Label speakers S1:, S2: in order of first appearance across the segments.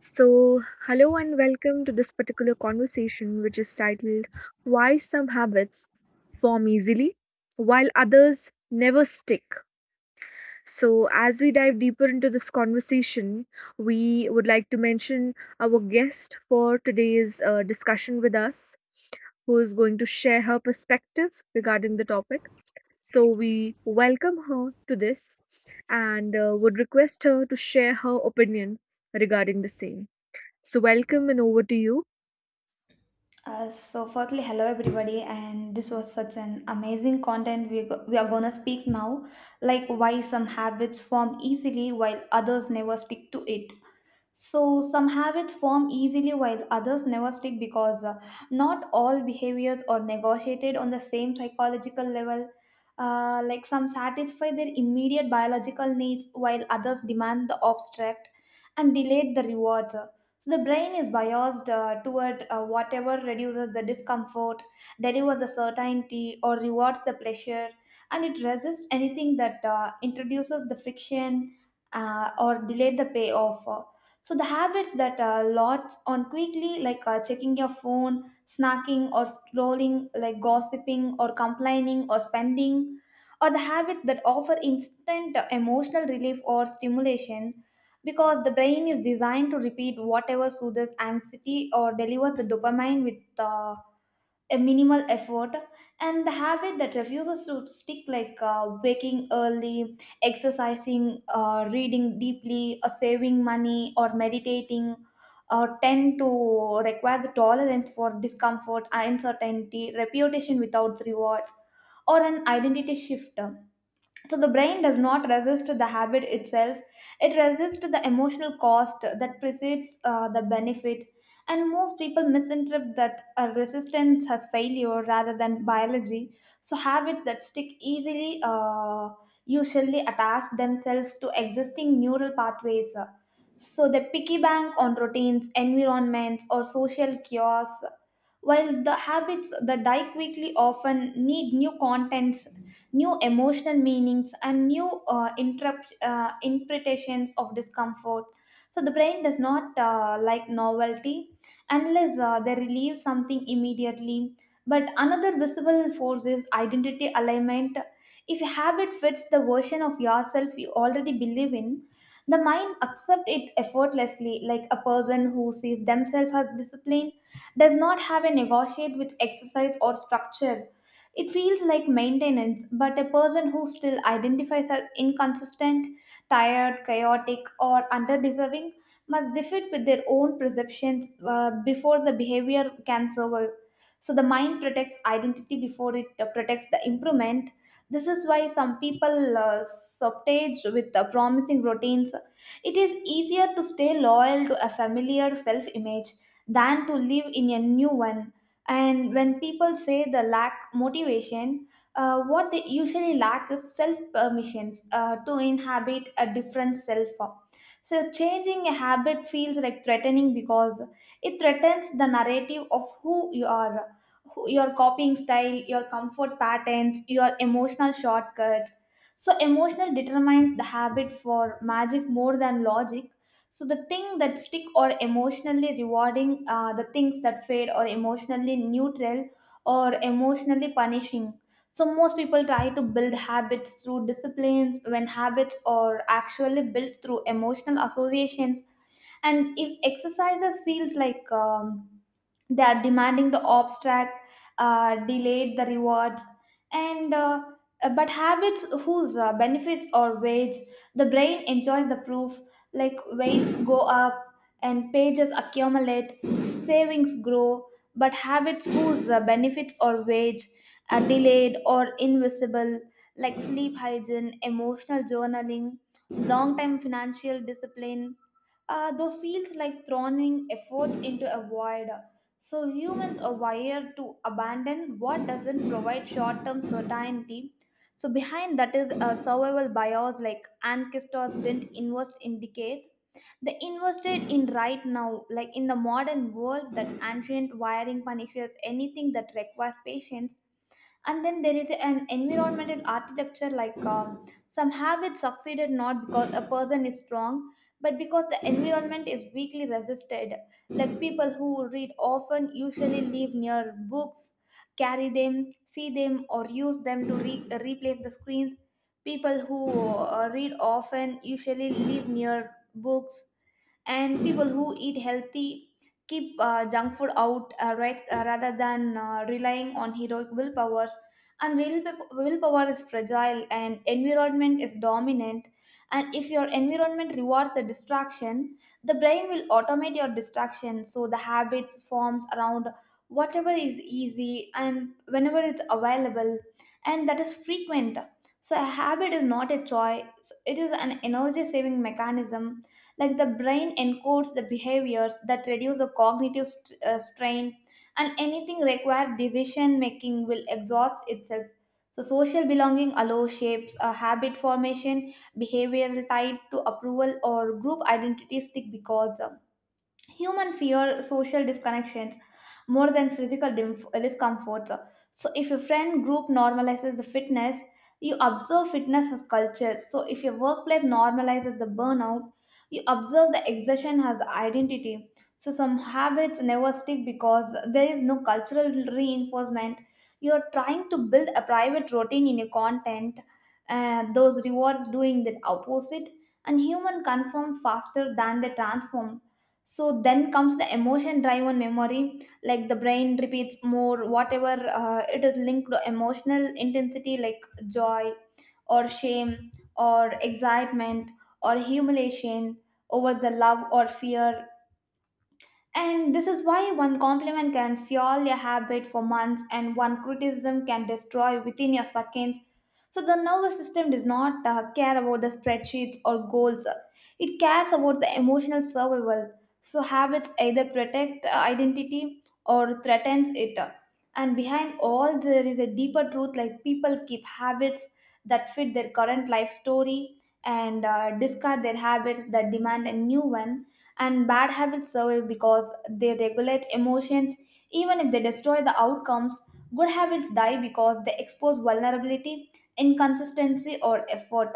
S1: So, hello and welcome to this particular conversation, which is titled Why Some Habits Form Easily While Others Never Stick. So, as we dive deeper into this conversation, we would like to mention our guest for today's discussion with us, who is going to share her perspective regarding the topic. So, we welcome her to this and would request her to share her opinion regarding the same. So, welcome and over to you.
S2: So firstly, hello everybody, and this was such an amazing content. We are gonna speak now, like why some habits form easily while others never stick to it. So, some habits form easily while others never stick because not all behaviors are negotiated on the same psychological level. Like some satisfy their immediate biological needs while others demand the abstract and delayed the rewards. So, the brain is biased toward whatever reduces the discomfort, delivers the certainty, or rewards the pleasure, and it resists anything that introduces the friction or delay the payoff. So the habits that latch on quickly, like checking your phone, snacking or scrolling, like gossiping or complaining or spending, or the habits that offer instant emotional relief or stimulation, because the brain is designed to repeat whatever soothes anxiety or delivers the dopamine with a minimal effort, and the habit that refuses to stick, like waking early, exercising, reading deeply or saving money or meditating, tend to require the tolerance for discomfort, uncertainty, reputation without rewards, or an identity shift. So the brain does not resist the habit itself, it resists the emotional cost that precedes the benefit, and most people misinterpret that resistance as failure rather than biology. So habits that stick easily usually attach themselves to existing neural pathways, so they piggy bank on routines, environments, or social cues, while the habits that die quickly often need new contents, new emotional meanings, and new interpretations of discomfort. So the brain does not like novelty unless they relieve something immediately. But another visible force is identity alignment. If a habit fits the version of yourself you already believe in, the mind accepts it effortlessly, like a person who sees themselves as disciplined does not have a negotiate with exercise or structure. It feels like maintenance, but a person who still identifies as inconsistent, tired, chaotic, or underdeserving must defeat with their own perceptions before the behavior can survive. So the mind protects identity before it protects the improvement. This is why some people subtaged with the promising routines. It is easier to stay loyal to a familiar self image than to live in a new one. And when people say the lack motivation, what they usually lack is self permissions to inhabit a different self form. So changing a habit feels like threatening because it threatens the narrative of who you are, who, your copying style, your comfort patterns, your emotional shortcuts. So emotional determines the habit for magic more than logic, so the thing that stick or emotionally rewarding, the things that fade or emotionally neutral or emotionally punishing. So most people try to build habits through disciplines when habits are actually built through emotional associations, and if exercises feels like they are demanding the abstract, delayed the rewards, and but habits whose benefits or wage, the brain enjoys the proof, like weights go up and pages accumulate, savings grow. But habits whose benefits or wage are delayed or invisible, like sleep hygiene, emotional journaling, long time financial discipline, those feels like throwing efforts into a void. So humans are wired to abandon what doesn't provide short-term certainty. So behind that is a survival bias, like ancestors didn't invest in decades. They invested in right now, like in the modern world that ancient wiring punishes anything that requires patience. And then there is an environmental architecture, like some have it succeeded not because a person is strong but because the environment is weakly resisted, like people who read often usually live near books, carry them, see them, or use them to replace the screens. People who read often usually live near books, and people who eat healthy keep junk food out, right, rather than relying on heroic willpowers. And willpower is fragile and environment is dominant, and if your environment rewards the distraction, the brain will automate your distraction, so the habit forms around whatever is easy and whenever it's available, and that is frequent. So a habit is not a choice, it is an energy saving mechanism, like the brain encodes the behaviors that reduce the cognitive strain, and anything required decision making will exhaust itself. So social belonging allows shapes a habit formation, behavioral tied to approval or group identity stick because of human fear social disconnections more than physical discomforts. So, if your friend group normalizes the fitness, you observe fitness as culture. So, if your workplace normalizes the burnout, you observe the exertion as identity. So, some habits never stick because there is no cultural reinforcement. You are trying to build a private routine in your content, and those rewards doing the opposite. And human conforms faster than they transform. So then comes the emotion driven memory, like the brain repeats more whatever it is linked to emotional intensity, like joy or shame or excitement or humiliation over the love or fear. And this is why one compliment can fuel a habit for months and one criticism can destroy within a seconds. So the nervous system does not care about the spreadsheets or goals. It cares about the emotional survival. So habits either protect identity or threatens it. And behind all there is a deeper truth, like people keep habits that fit their current life story and discard their habits that demand a new one, and bad habits survive because they regulate emotions even if they destroy the outcomes. Good habits die because they expose vulnerability, inconsistency, or effort.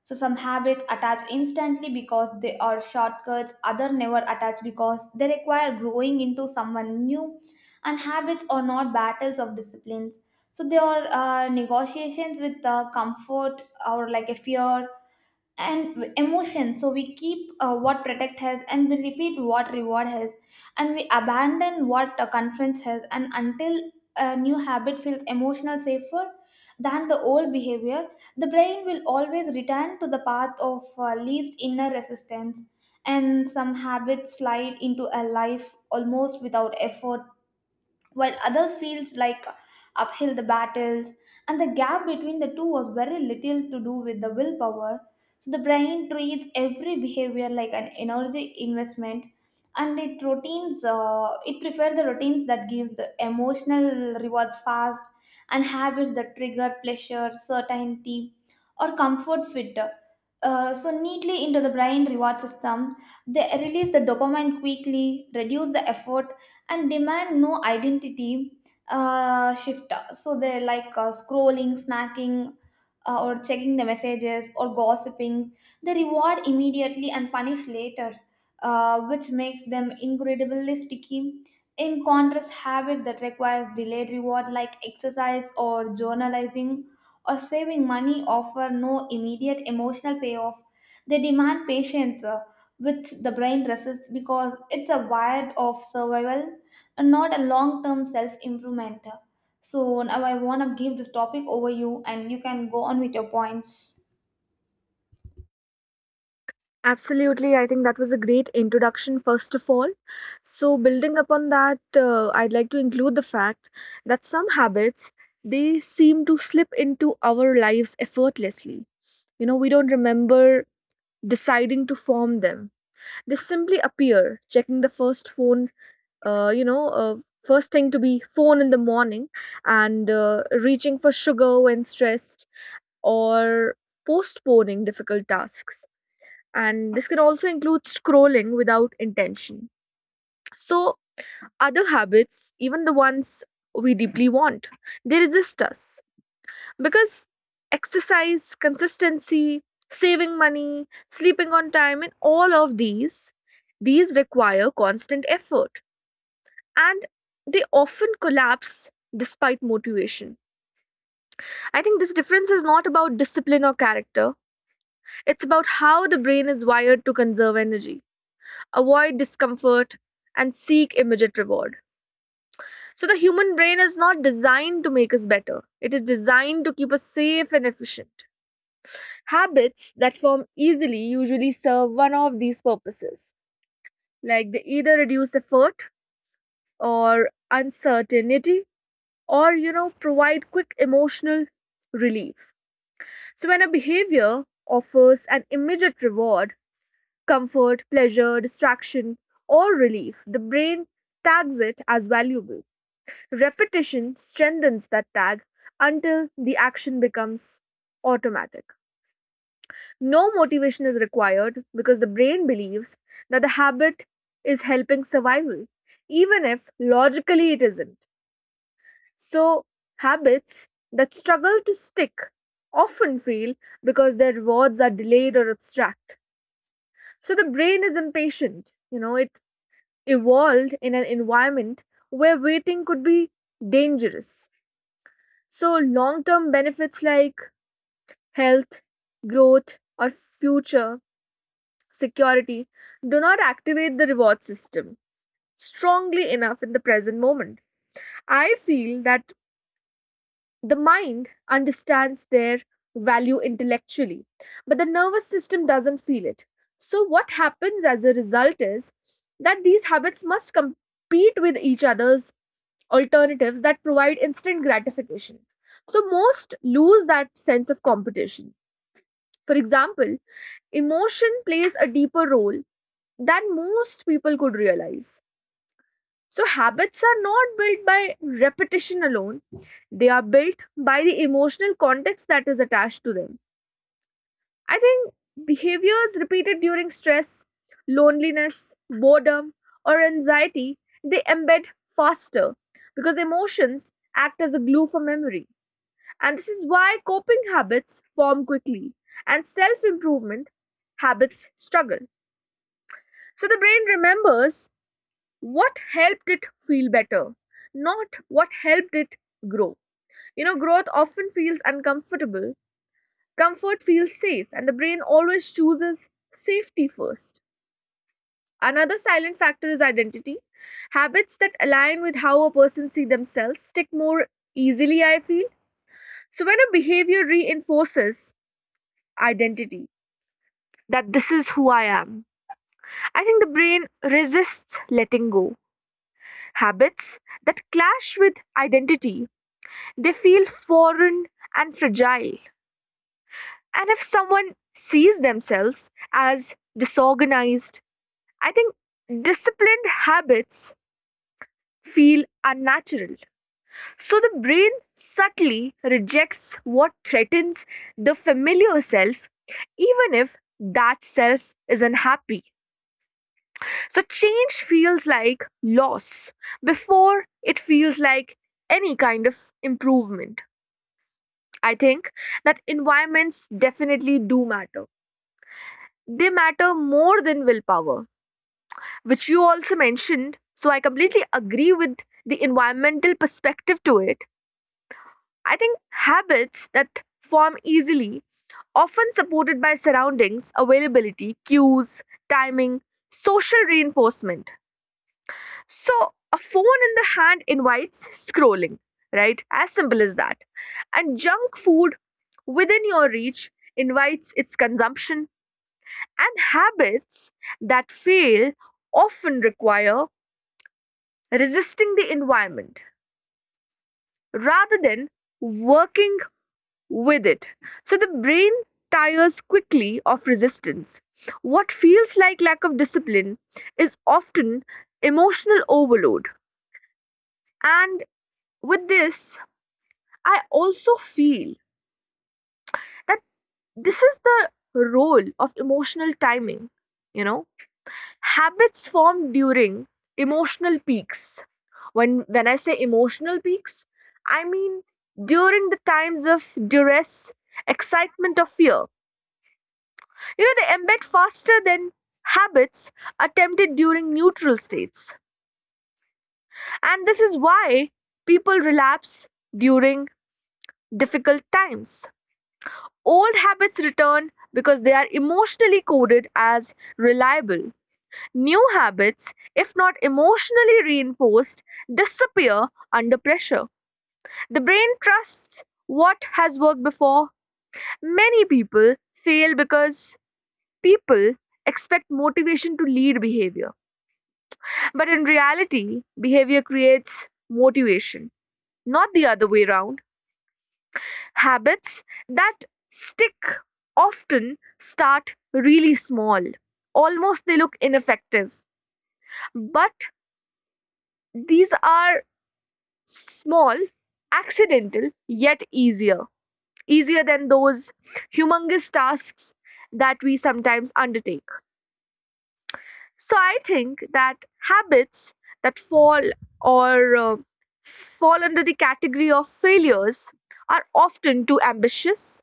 S2: So some habits attach instantly because they are shortcuts, other never attach because they require growing into someone new. And habits are not battles of disciplines, so they are negotiations with comfort or like a fear and emotion. So we keep what protect has, and we repeat what reward has, and we abandon what conference has. And until a new habit feels emotional safer than the old behavior, the brain will always return to the path of least inner resistance. And some habits slide into a life almost without effort while others feels like uphill the battles, and the gap between the two was very little to do with the willpower. So the brain treats every behavior like an energy investment, and it prefers the routines that gives the emotional rewards fast. And habits that trigger pleasure, certainty, or comfort fit so neatly into the brain reward system. They release the dopamine quickly, reduce the effort, and demand no identity shift. So they're like scrolling, snacking, or checking the messages or gossiping. They reward immediately and punish later, which makes them incredibly sticky. In contrast, habit that requires delayed reward, like exercise or journalizing or saving money, offer no immediate emotional payoff. They demand patience, which the brain resists because it's a wired of survival and not a long term self improvement. So now I want to give this topic over you and you can go on with your points.
S1: Absolutely. I think that was a great introduction, first of all. So, building upon that, I'd like to include the fact that some habits, they seem to slip into our lives effortlessly. You know, we don't remember deciding to form them, they simply appear, checking the first phone, uh, you know, uh, first thing to be phone in the morning, and reaching for sugar when stressed, or postponing difficult tasks, and this can also include scrolling without intention. So other habits, even the ones we deeply want, they resist us because exercise consistency, saving money, sleeping on time, and all of these require constant effort, and they often collapse despite motivation. I think this difference is not about discipline or character, it's about how the brain is wired to conserve energy, avoid discomfort, and seek immediate reward. So, the human brain is not designed to make us better, it is designed to keep us safe and efficient. Habits that form easily usually serve one of these purposes, like they either reduce effort or uncertainty, or, you know, provide quick emotional relief. So when a behavior offers an immediate reward, comfort, pleasure, distraction, or relief, the brain tags it as valuable. Repetition strengthens that tag until the action becomes automatic. No motivation is required because the brain believes that the habit is helping survival, even if logically it isn't. So, habits that struggle to stick often fail because their rewards are delayed or abstract. So, the brain is impatient. You know, it evolved in an environment where waiting could be dangerous. So, long term benefits like health, growth, or future security do not activate the reward system strongly enough in the present moment. I feel that the mind understands their value intellectually, but the nervous system doesn't feel it. So, what happens as a result is that these habits must compete with each other's alternatives that provide instant gratification. So, most lose that sense of competition. For example, emotion plays a deeper role than most people could realize. So, habits are not built by repetition alone, they are built by the emotional context that is attached to them. I think behaviors repeated during stress, loneliness, boredom, or anxiety, they embed faster because emotions act as a glue for memory. And this is why coping habits form quickly and self improvement habits struggle. So the brain remembers what helped it feel better, not what helped it grow. You know, growth often feels uncomfortable, comfort feels safe, and the brain always chooses safety first. Another silent factor is identity. Habits that align with how a person sees themselves stick more easily, I feel. So when a behavior reinforces identity, that this is who I am, I think the brain resists letting go habits that clash with identity. They feel foreign and fragile. And if someone sees themselves as disorganized, I think disciplined habits feel unnatural. So the brain subtly rejects what threatens the familiar self, even if that self is unhappy. So change feels like loss before it feels like any kind of improvement. I think that environments definitely do matter. They matter more than willpower, which you also mentioned. So I completely agree with the environmental perspective to it. I think habits that form easily, often supported by surroundings, availability, cues, timing, social reinforcement. So a phone in the hand invites scrolling, right? As simple as that. And junk food within your reach invites its consumption. And habits that fail often require resisting the environment rather than working with it. So the brain tires quickly of resistance. What feels like lack of discipline is often emotional overload. And with this, I also feel that this is the role of emotional timing, you know. Habits form during emotional peaks. When I say emotional peaks, I mean during the times of duress, excitement, or fear. You know, they embed faster than habits attempted during neutral states. And this is why people relapse during difficult times. Old habits return because they are emotionally coded as reliable. New habits, if not emotionally reinforced, disappear under pressure. The brain trusts what has worked before. Many people fail because people expect motivation to lead behavior. But in reality, behavior creates motivation, not the other way around. Habits that stick often start really small, almost they look ineffective. But these are small, accidental, yet easier. Easier than those humongous tasks that we sometimes undertake. So I think that habits that fall or fall under the category of failures are often too ambitious,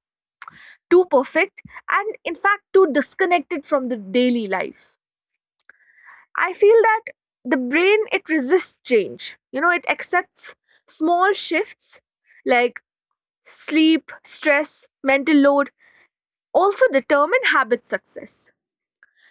S1: too perfect, and in fact too disconnected from the daily life. I feel that the brain, it resists change. You know, it accepts small shifts like sleep, stress, mental load also determine habit success.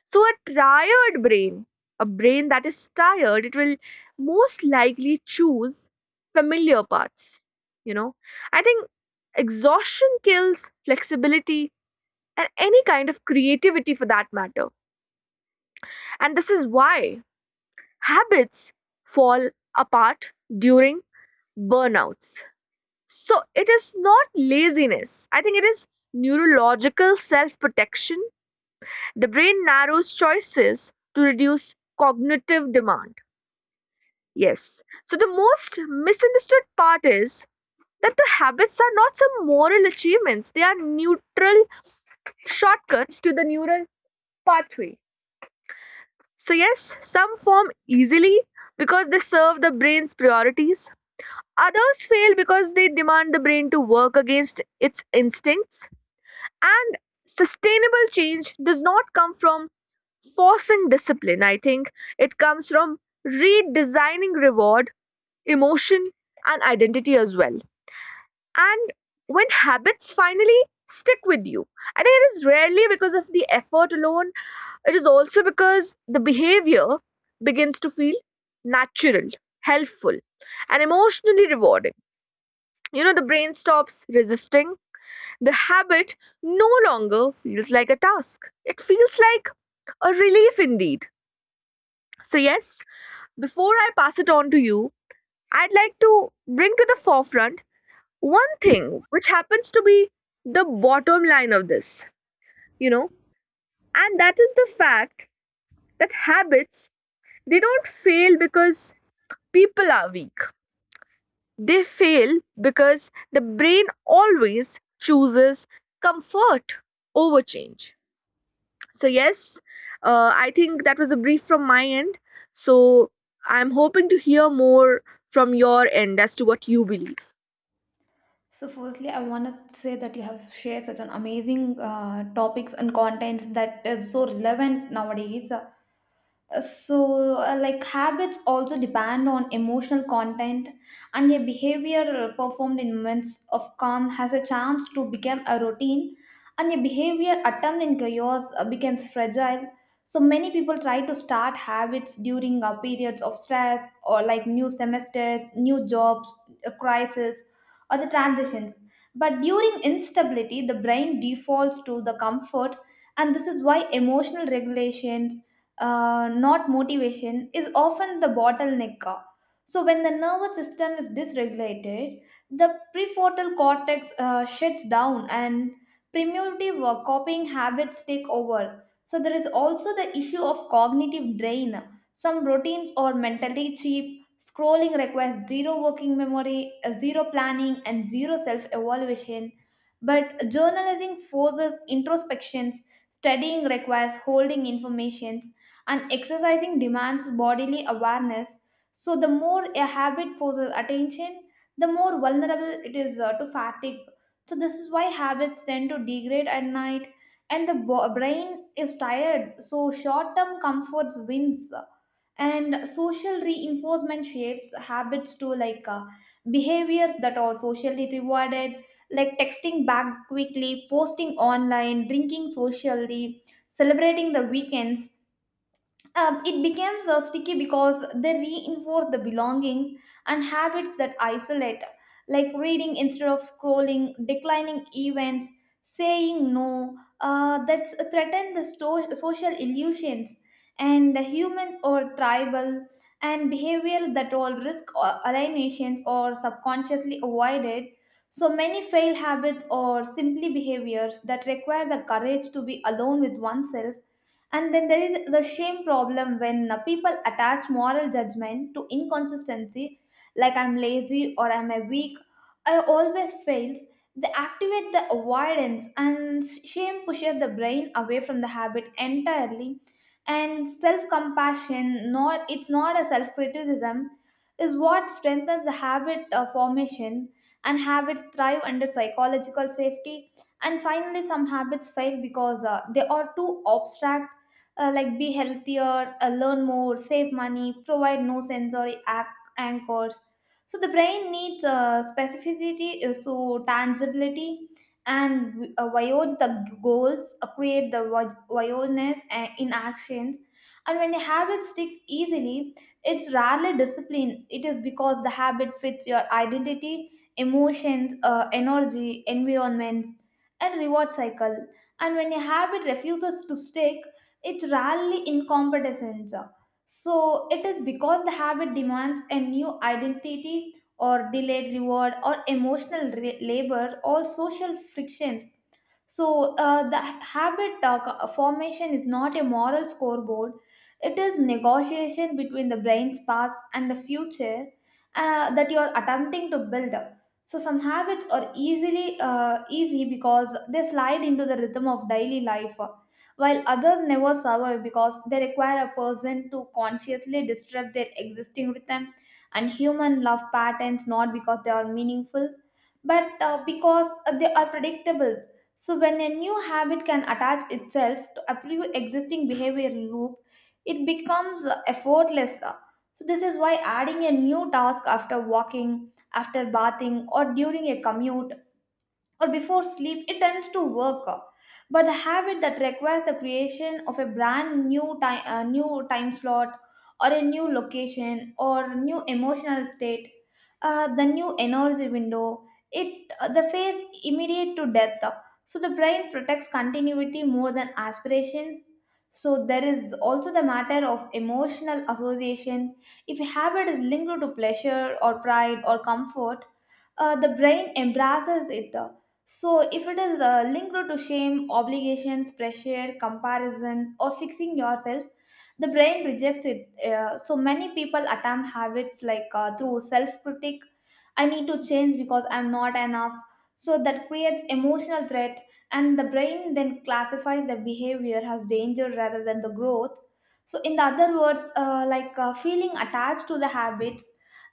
S1: So, a tired brain, a brain that is tired, it will most likely choose familiar paths. You know, I think exhaustion kills flexibility and any kind of creativity for that matter. And this is why habits fall apart during burnouts. So it is not laziness. I think it is neurological self protection. The brain narrows choices to reduce cognitive demand. Yes. So the most misunderstood part is that the habits are not some moral achievements, they are neutral shortcuts to the neural pathway. So, yes, some form easily because they serve the brain's priorities. Others fail because they demand the brain to work against its instincts. And sustainable change does not come from forcing discipline, I think. It comes from redesigning reward, emotion, and identity as well. And when habits finally stick with you, I think it is rarely because of the effort alone, it is also because the behavior begins to feel natural, helpful, and emotionally rewarding. You know, the brain stops resisting, the habit no longer feels like a task, it feels like a relief indeed. So, yes, before I pass it on to you, I'd like to bring to the forefront one thing which happens to be the bottom line of this, you know, and that is the fact that habits, they don't fail because people are weak. They fail because the brain always chooses comfort over change. So yes, I think that was a brief from my end. So I'm hoping to hear more from your end as to what you believe.
S2: So firstly, I want to say that you have shared such an amazing topics and contents that is so relevant nowadays. So like habits also depend on emotional content, and a behavior performed in moments of calm has a chance to become a routine, and a behavior attempt in chaos becomes fragile. So many people try to start habits during periods of stress or like new semesters, new jobs, a crisis, or the transitions, but during instability the brain defaults to the comfort. And this is why emotional regulations, not motivation, is often the bottleneck. So, when the nervous system is dysregulated, the prefrontal cortex shuts down and primitive copying habits take over. So, there is also the issue of cognitive drain. Some routines are mentally cheap. Scrolling requires zero working memory, zero planning, and zero self evaluation. But journalizing forces introspections, studying requires holding information, and exercising demands bodily awareness. So the more a habit forces attention, the more vulnerable it is to fatigue. So this is why habits tend to degrade at night, and the brain is tired, so short term comforts wins, and social reinforcement shapes habits to, like, behaviors that are socially rewarded, like texting back quickly, posting online, drinking socially, celebrating the weekends, it becomes sticky because they reinforce the belongings. And habits that isolate, like reading instead of scrolling, declining events, saying no, that threaten the social illusions. And humans or tribal, and behavior that all risk or alienations or subconsciously avoided. So many failed habits or simply behaviors that require the courage to be alone with oneself. And then there is the shame problem when people attach moral judgment to inconsistency, like I'm lazy or I'm a weak, I always fail. They activate the avoidance, and shame pushes the brain away from the habit entirely. And self-compassion, not it's not a self-criticism, is what strengthens the habit formation. And habits thrive under psychological safety. And finally, some habits fail because they are too abstract, like be healthier, learn more, save money, provide no sensory anchors. So the brain needs specificity, so tangibility, and violate the goals, create the violence in actions. And when the habit sticks easily, it's rarely discipline. It is because the habit fits your identity, emotions, energy, environments, and reward cycle. And when a habit refuses to stick, it's rarely incompetence. So it is because the habit demands a new identity or delayed reward or emotional labor or social friction. So, the habit formation is not a moral scoreboard. It is negotiation between the brain's past and the future that you are attempting to build up. So, some habits are easily easy because they slide into the rhythm of daily life, while others never survive because they require a person to consciously disrupt their existing rhythm and human love patterns, not because they are meaningful, but because they are predictable. So, when a new habit can attach itself to a pre existing behavior loop, it becomes effortless. So, this is why adding a new task after walking, after bathing, or during a commute or before sleep, it tends to work. But the habit that requires the creation of a new time slot, or a new location, or new emotional state, the new energy window, it the phase immediate to death. So the brain protects continuity more than aspirations. So there is also the matter of emotional association. If a habit is linked to pleasure or pride or comfort, the brain embraces it. So, if it is linked to shame, obligations, pressure, comparisons, or fixing yourself, the brain rejects it. So, many people attempt habits through self critic, I need to change because I'm not enough. So, that creates emotional threat, and the brain then classifies the behavior as danger rather than the growth. So, in the other words, feeling attached to the habits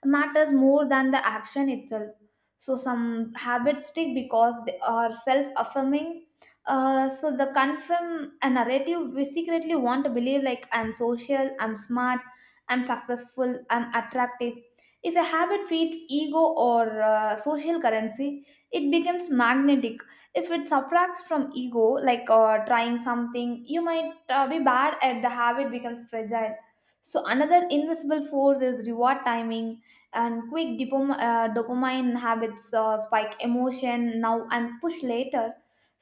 S2: matters more than the action itself. So some habits stick because they are self-affirming, so the confirm a narrative we secretly want to believe, like I'm social, I'm smart, I'm successful, I'm attractive. If a habit feeds ego or social currency, it becomes magnetic. If it subtracts from ego, trying something you might be bad at, the habit becomes fragile. So another invisible force is reward timing, and quick dopamine habits spike emotion now and push later.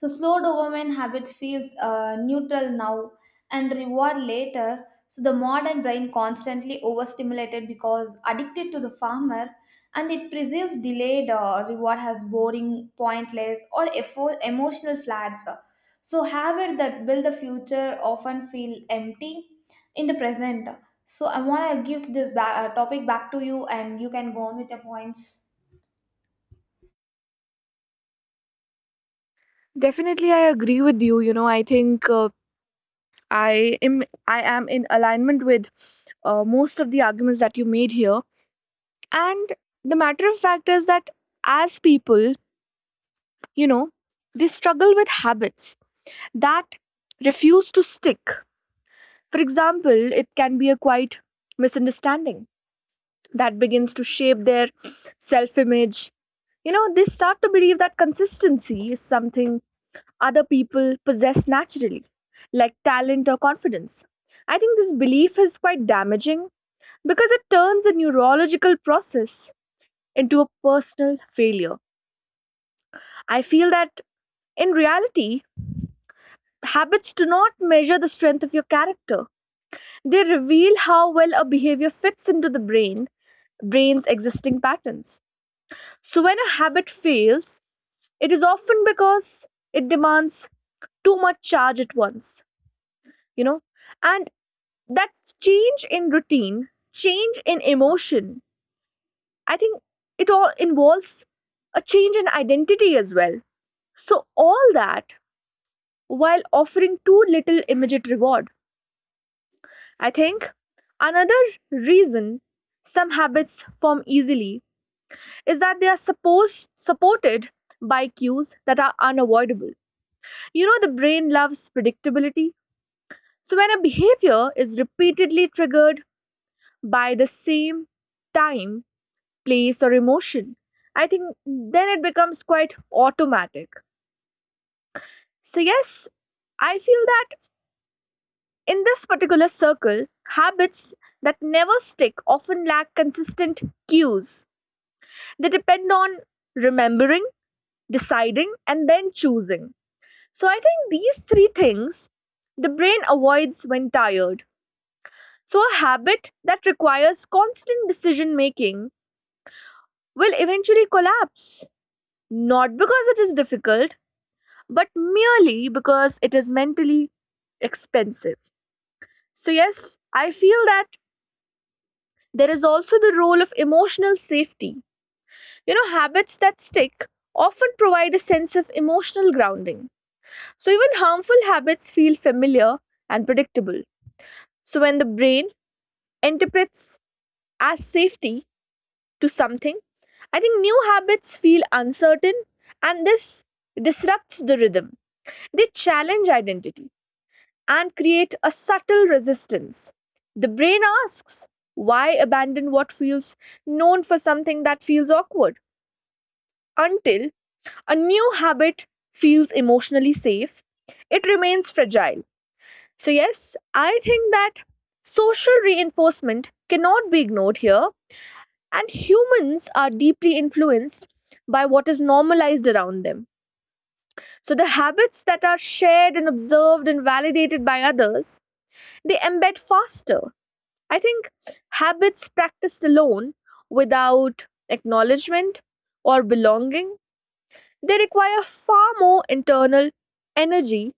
S2: So slow dopamine habit feels neutral now and reward later. So the modern brain constantly overstimulated because addicted to the farmer, and it perceives delayed reward as boring, pointless, or emotional flats. So habits that build the future often feel empty in the present. So I want to give this topic back to you, and you can go on with your points.
S1: Definitely, I agree with you. You know, I think I am in alignment with most of the arguments that you made here. And the matter of fact is that as people, you know, they struggle with habits that refuse to stick. For example, it can be a quite misunderstanding that begins to shape their self image. You know, they start to believe that consistency is something other people possess naturally, like talent or confidence. I think this belief is quite damaging because it turns a neurological process into a personal failure. I feel that in reality, habits do not measure the strength of your character, they reveal how well a behavior fits into the brain's existing patterns. So when a habit fails, it is often because it demands too much charge at once, you know, and that change in routine, change in emotion, I think it all involves a change in identity as well. So, all that while offering too little immediate reward. I think another reason some habits form easily is that they are supposed supported by cues that are unavoidable. You know, the brain loves predictability. So, when a behavior is repeatedly triggered by the same time, place, or emotion, I think then it becomes quite automatic. So, yes, I feel that in this particular circle, habits that never stick often lack consistent cues. They depend on remembering, deciding, and then choosing. So, I think these three things the brain avoids when tired. So, a habit that requires constant decision making will eventually collapse, not because it is difficult, but merely because it is mentally expensive. So, yes, I feel that there is also the role of emotional safety. You know, habits that stick often provide a sense of emotional grounding. So, even harmful habits feel familiar and predictable. So, when the brain interprets as safety, to something. I think new habits feel uncertain and this disrupts the rhythm. They challenge identity and create a subtle resistance. The brain asks, why abandon what feels known for something that feels awkward? Until a new habit feels emotionally safe, it remains fragile. So, yes, I think that social reinforcement cannot be ignored here. And humans are deeply influenced by what is normalized around them. So the habits that are shared and observed and validated by others, they embed faster. I think habits practiced alone without acknowledgement or belonging, they require far more internal energy,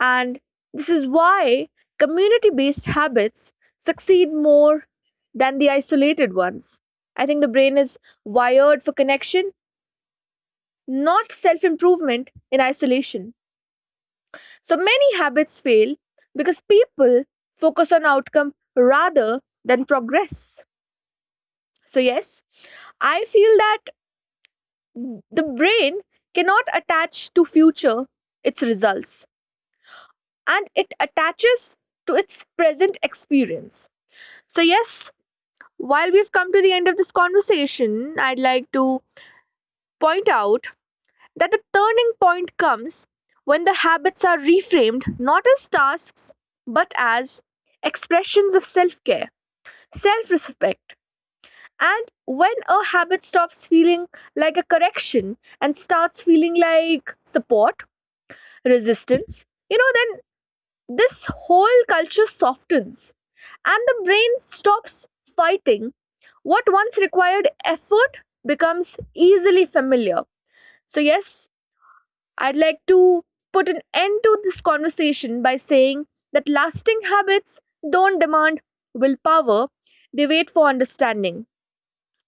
S1: and this is why community based habits succeed more than the isolated ones. I think the brain is wired for connection, not self improvement in isolation. So many habits fail because people focus on outcome rather than progress. So, yes, I feel that the brain cannot attach to future its results, and it attaches to its present experience. So, yes, while we've come to the end of this conversation, I'd like to point out that the turning point comes when the habits are reframed not as tasks but as expressions of self care, self respect. And when a habit stops feeling like a correction and starts feeling like support, resistance, you know, then this whole culture softens and the brain stops fighting. What once required effort becomes easily familiar. So, yes, I'd like to put an end to this conversation by saying that lasting habits don't demand willpower, they wait for understanding.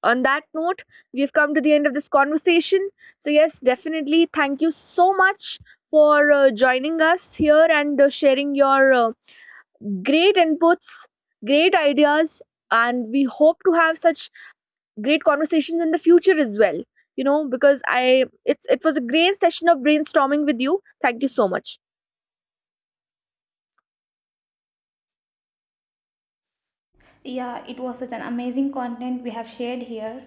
S1: On that note, we've come to the end of this conversation. So, yes, definitely thank you so much for joining us here and sharing your great inputs, great ideas, and we hope to have such great conversations in the future as well. You know, because I it's it was a great session of brainstorming with you. Thank you so much.
S2: Yeah, it was such an amazing content we have shared here.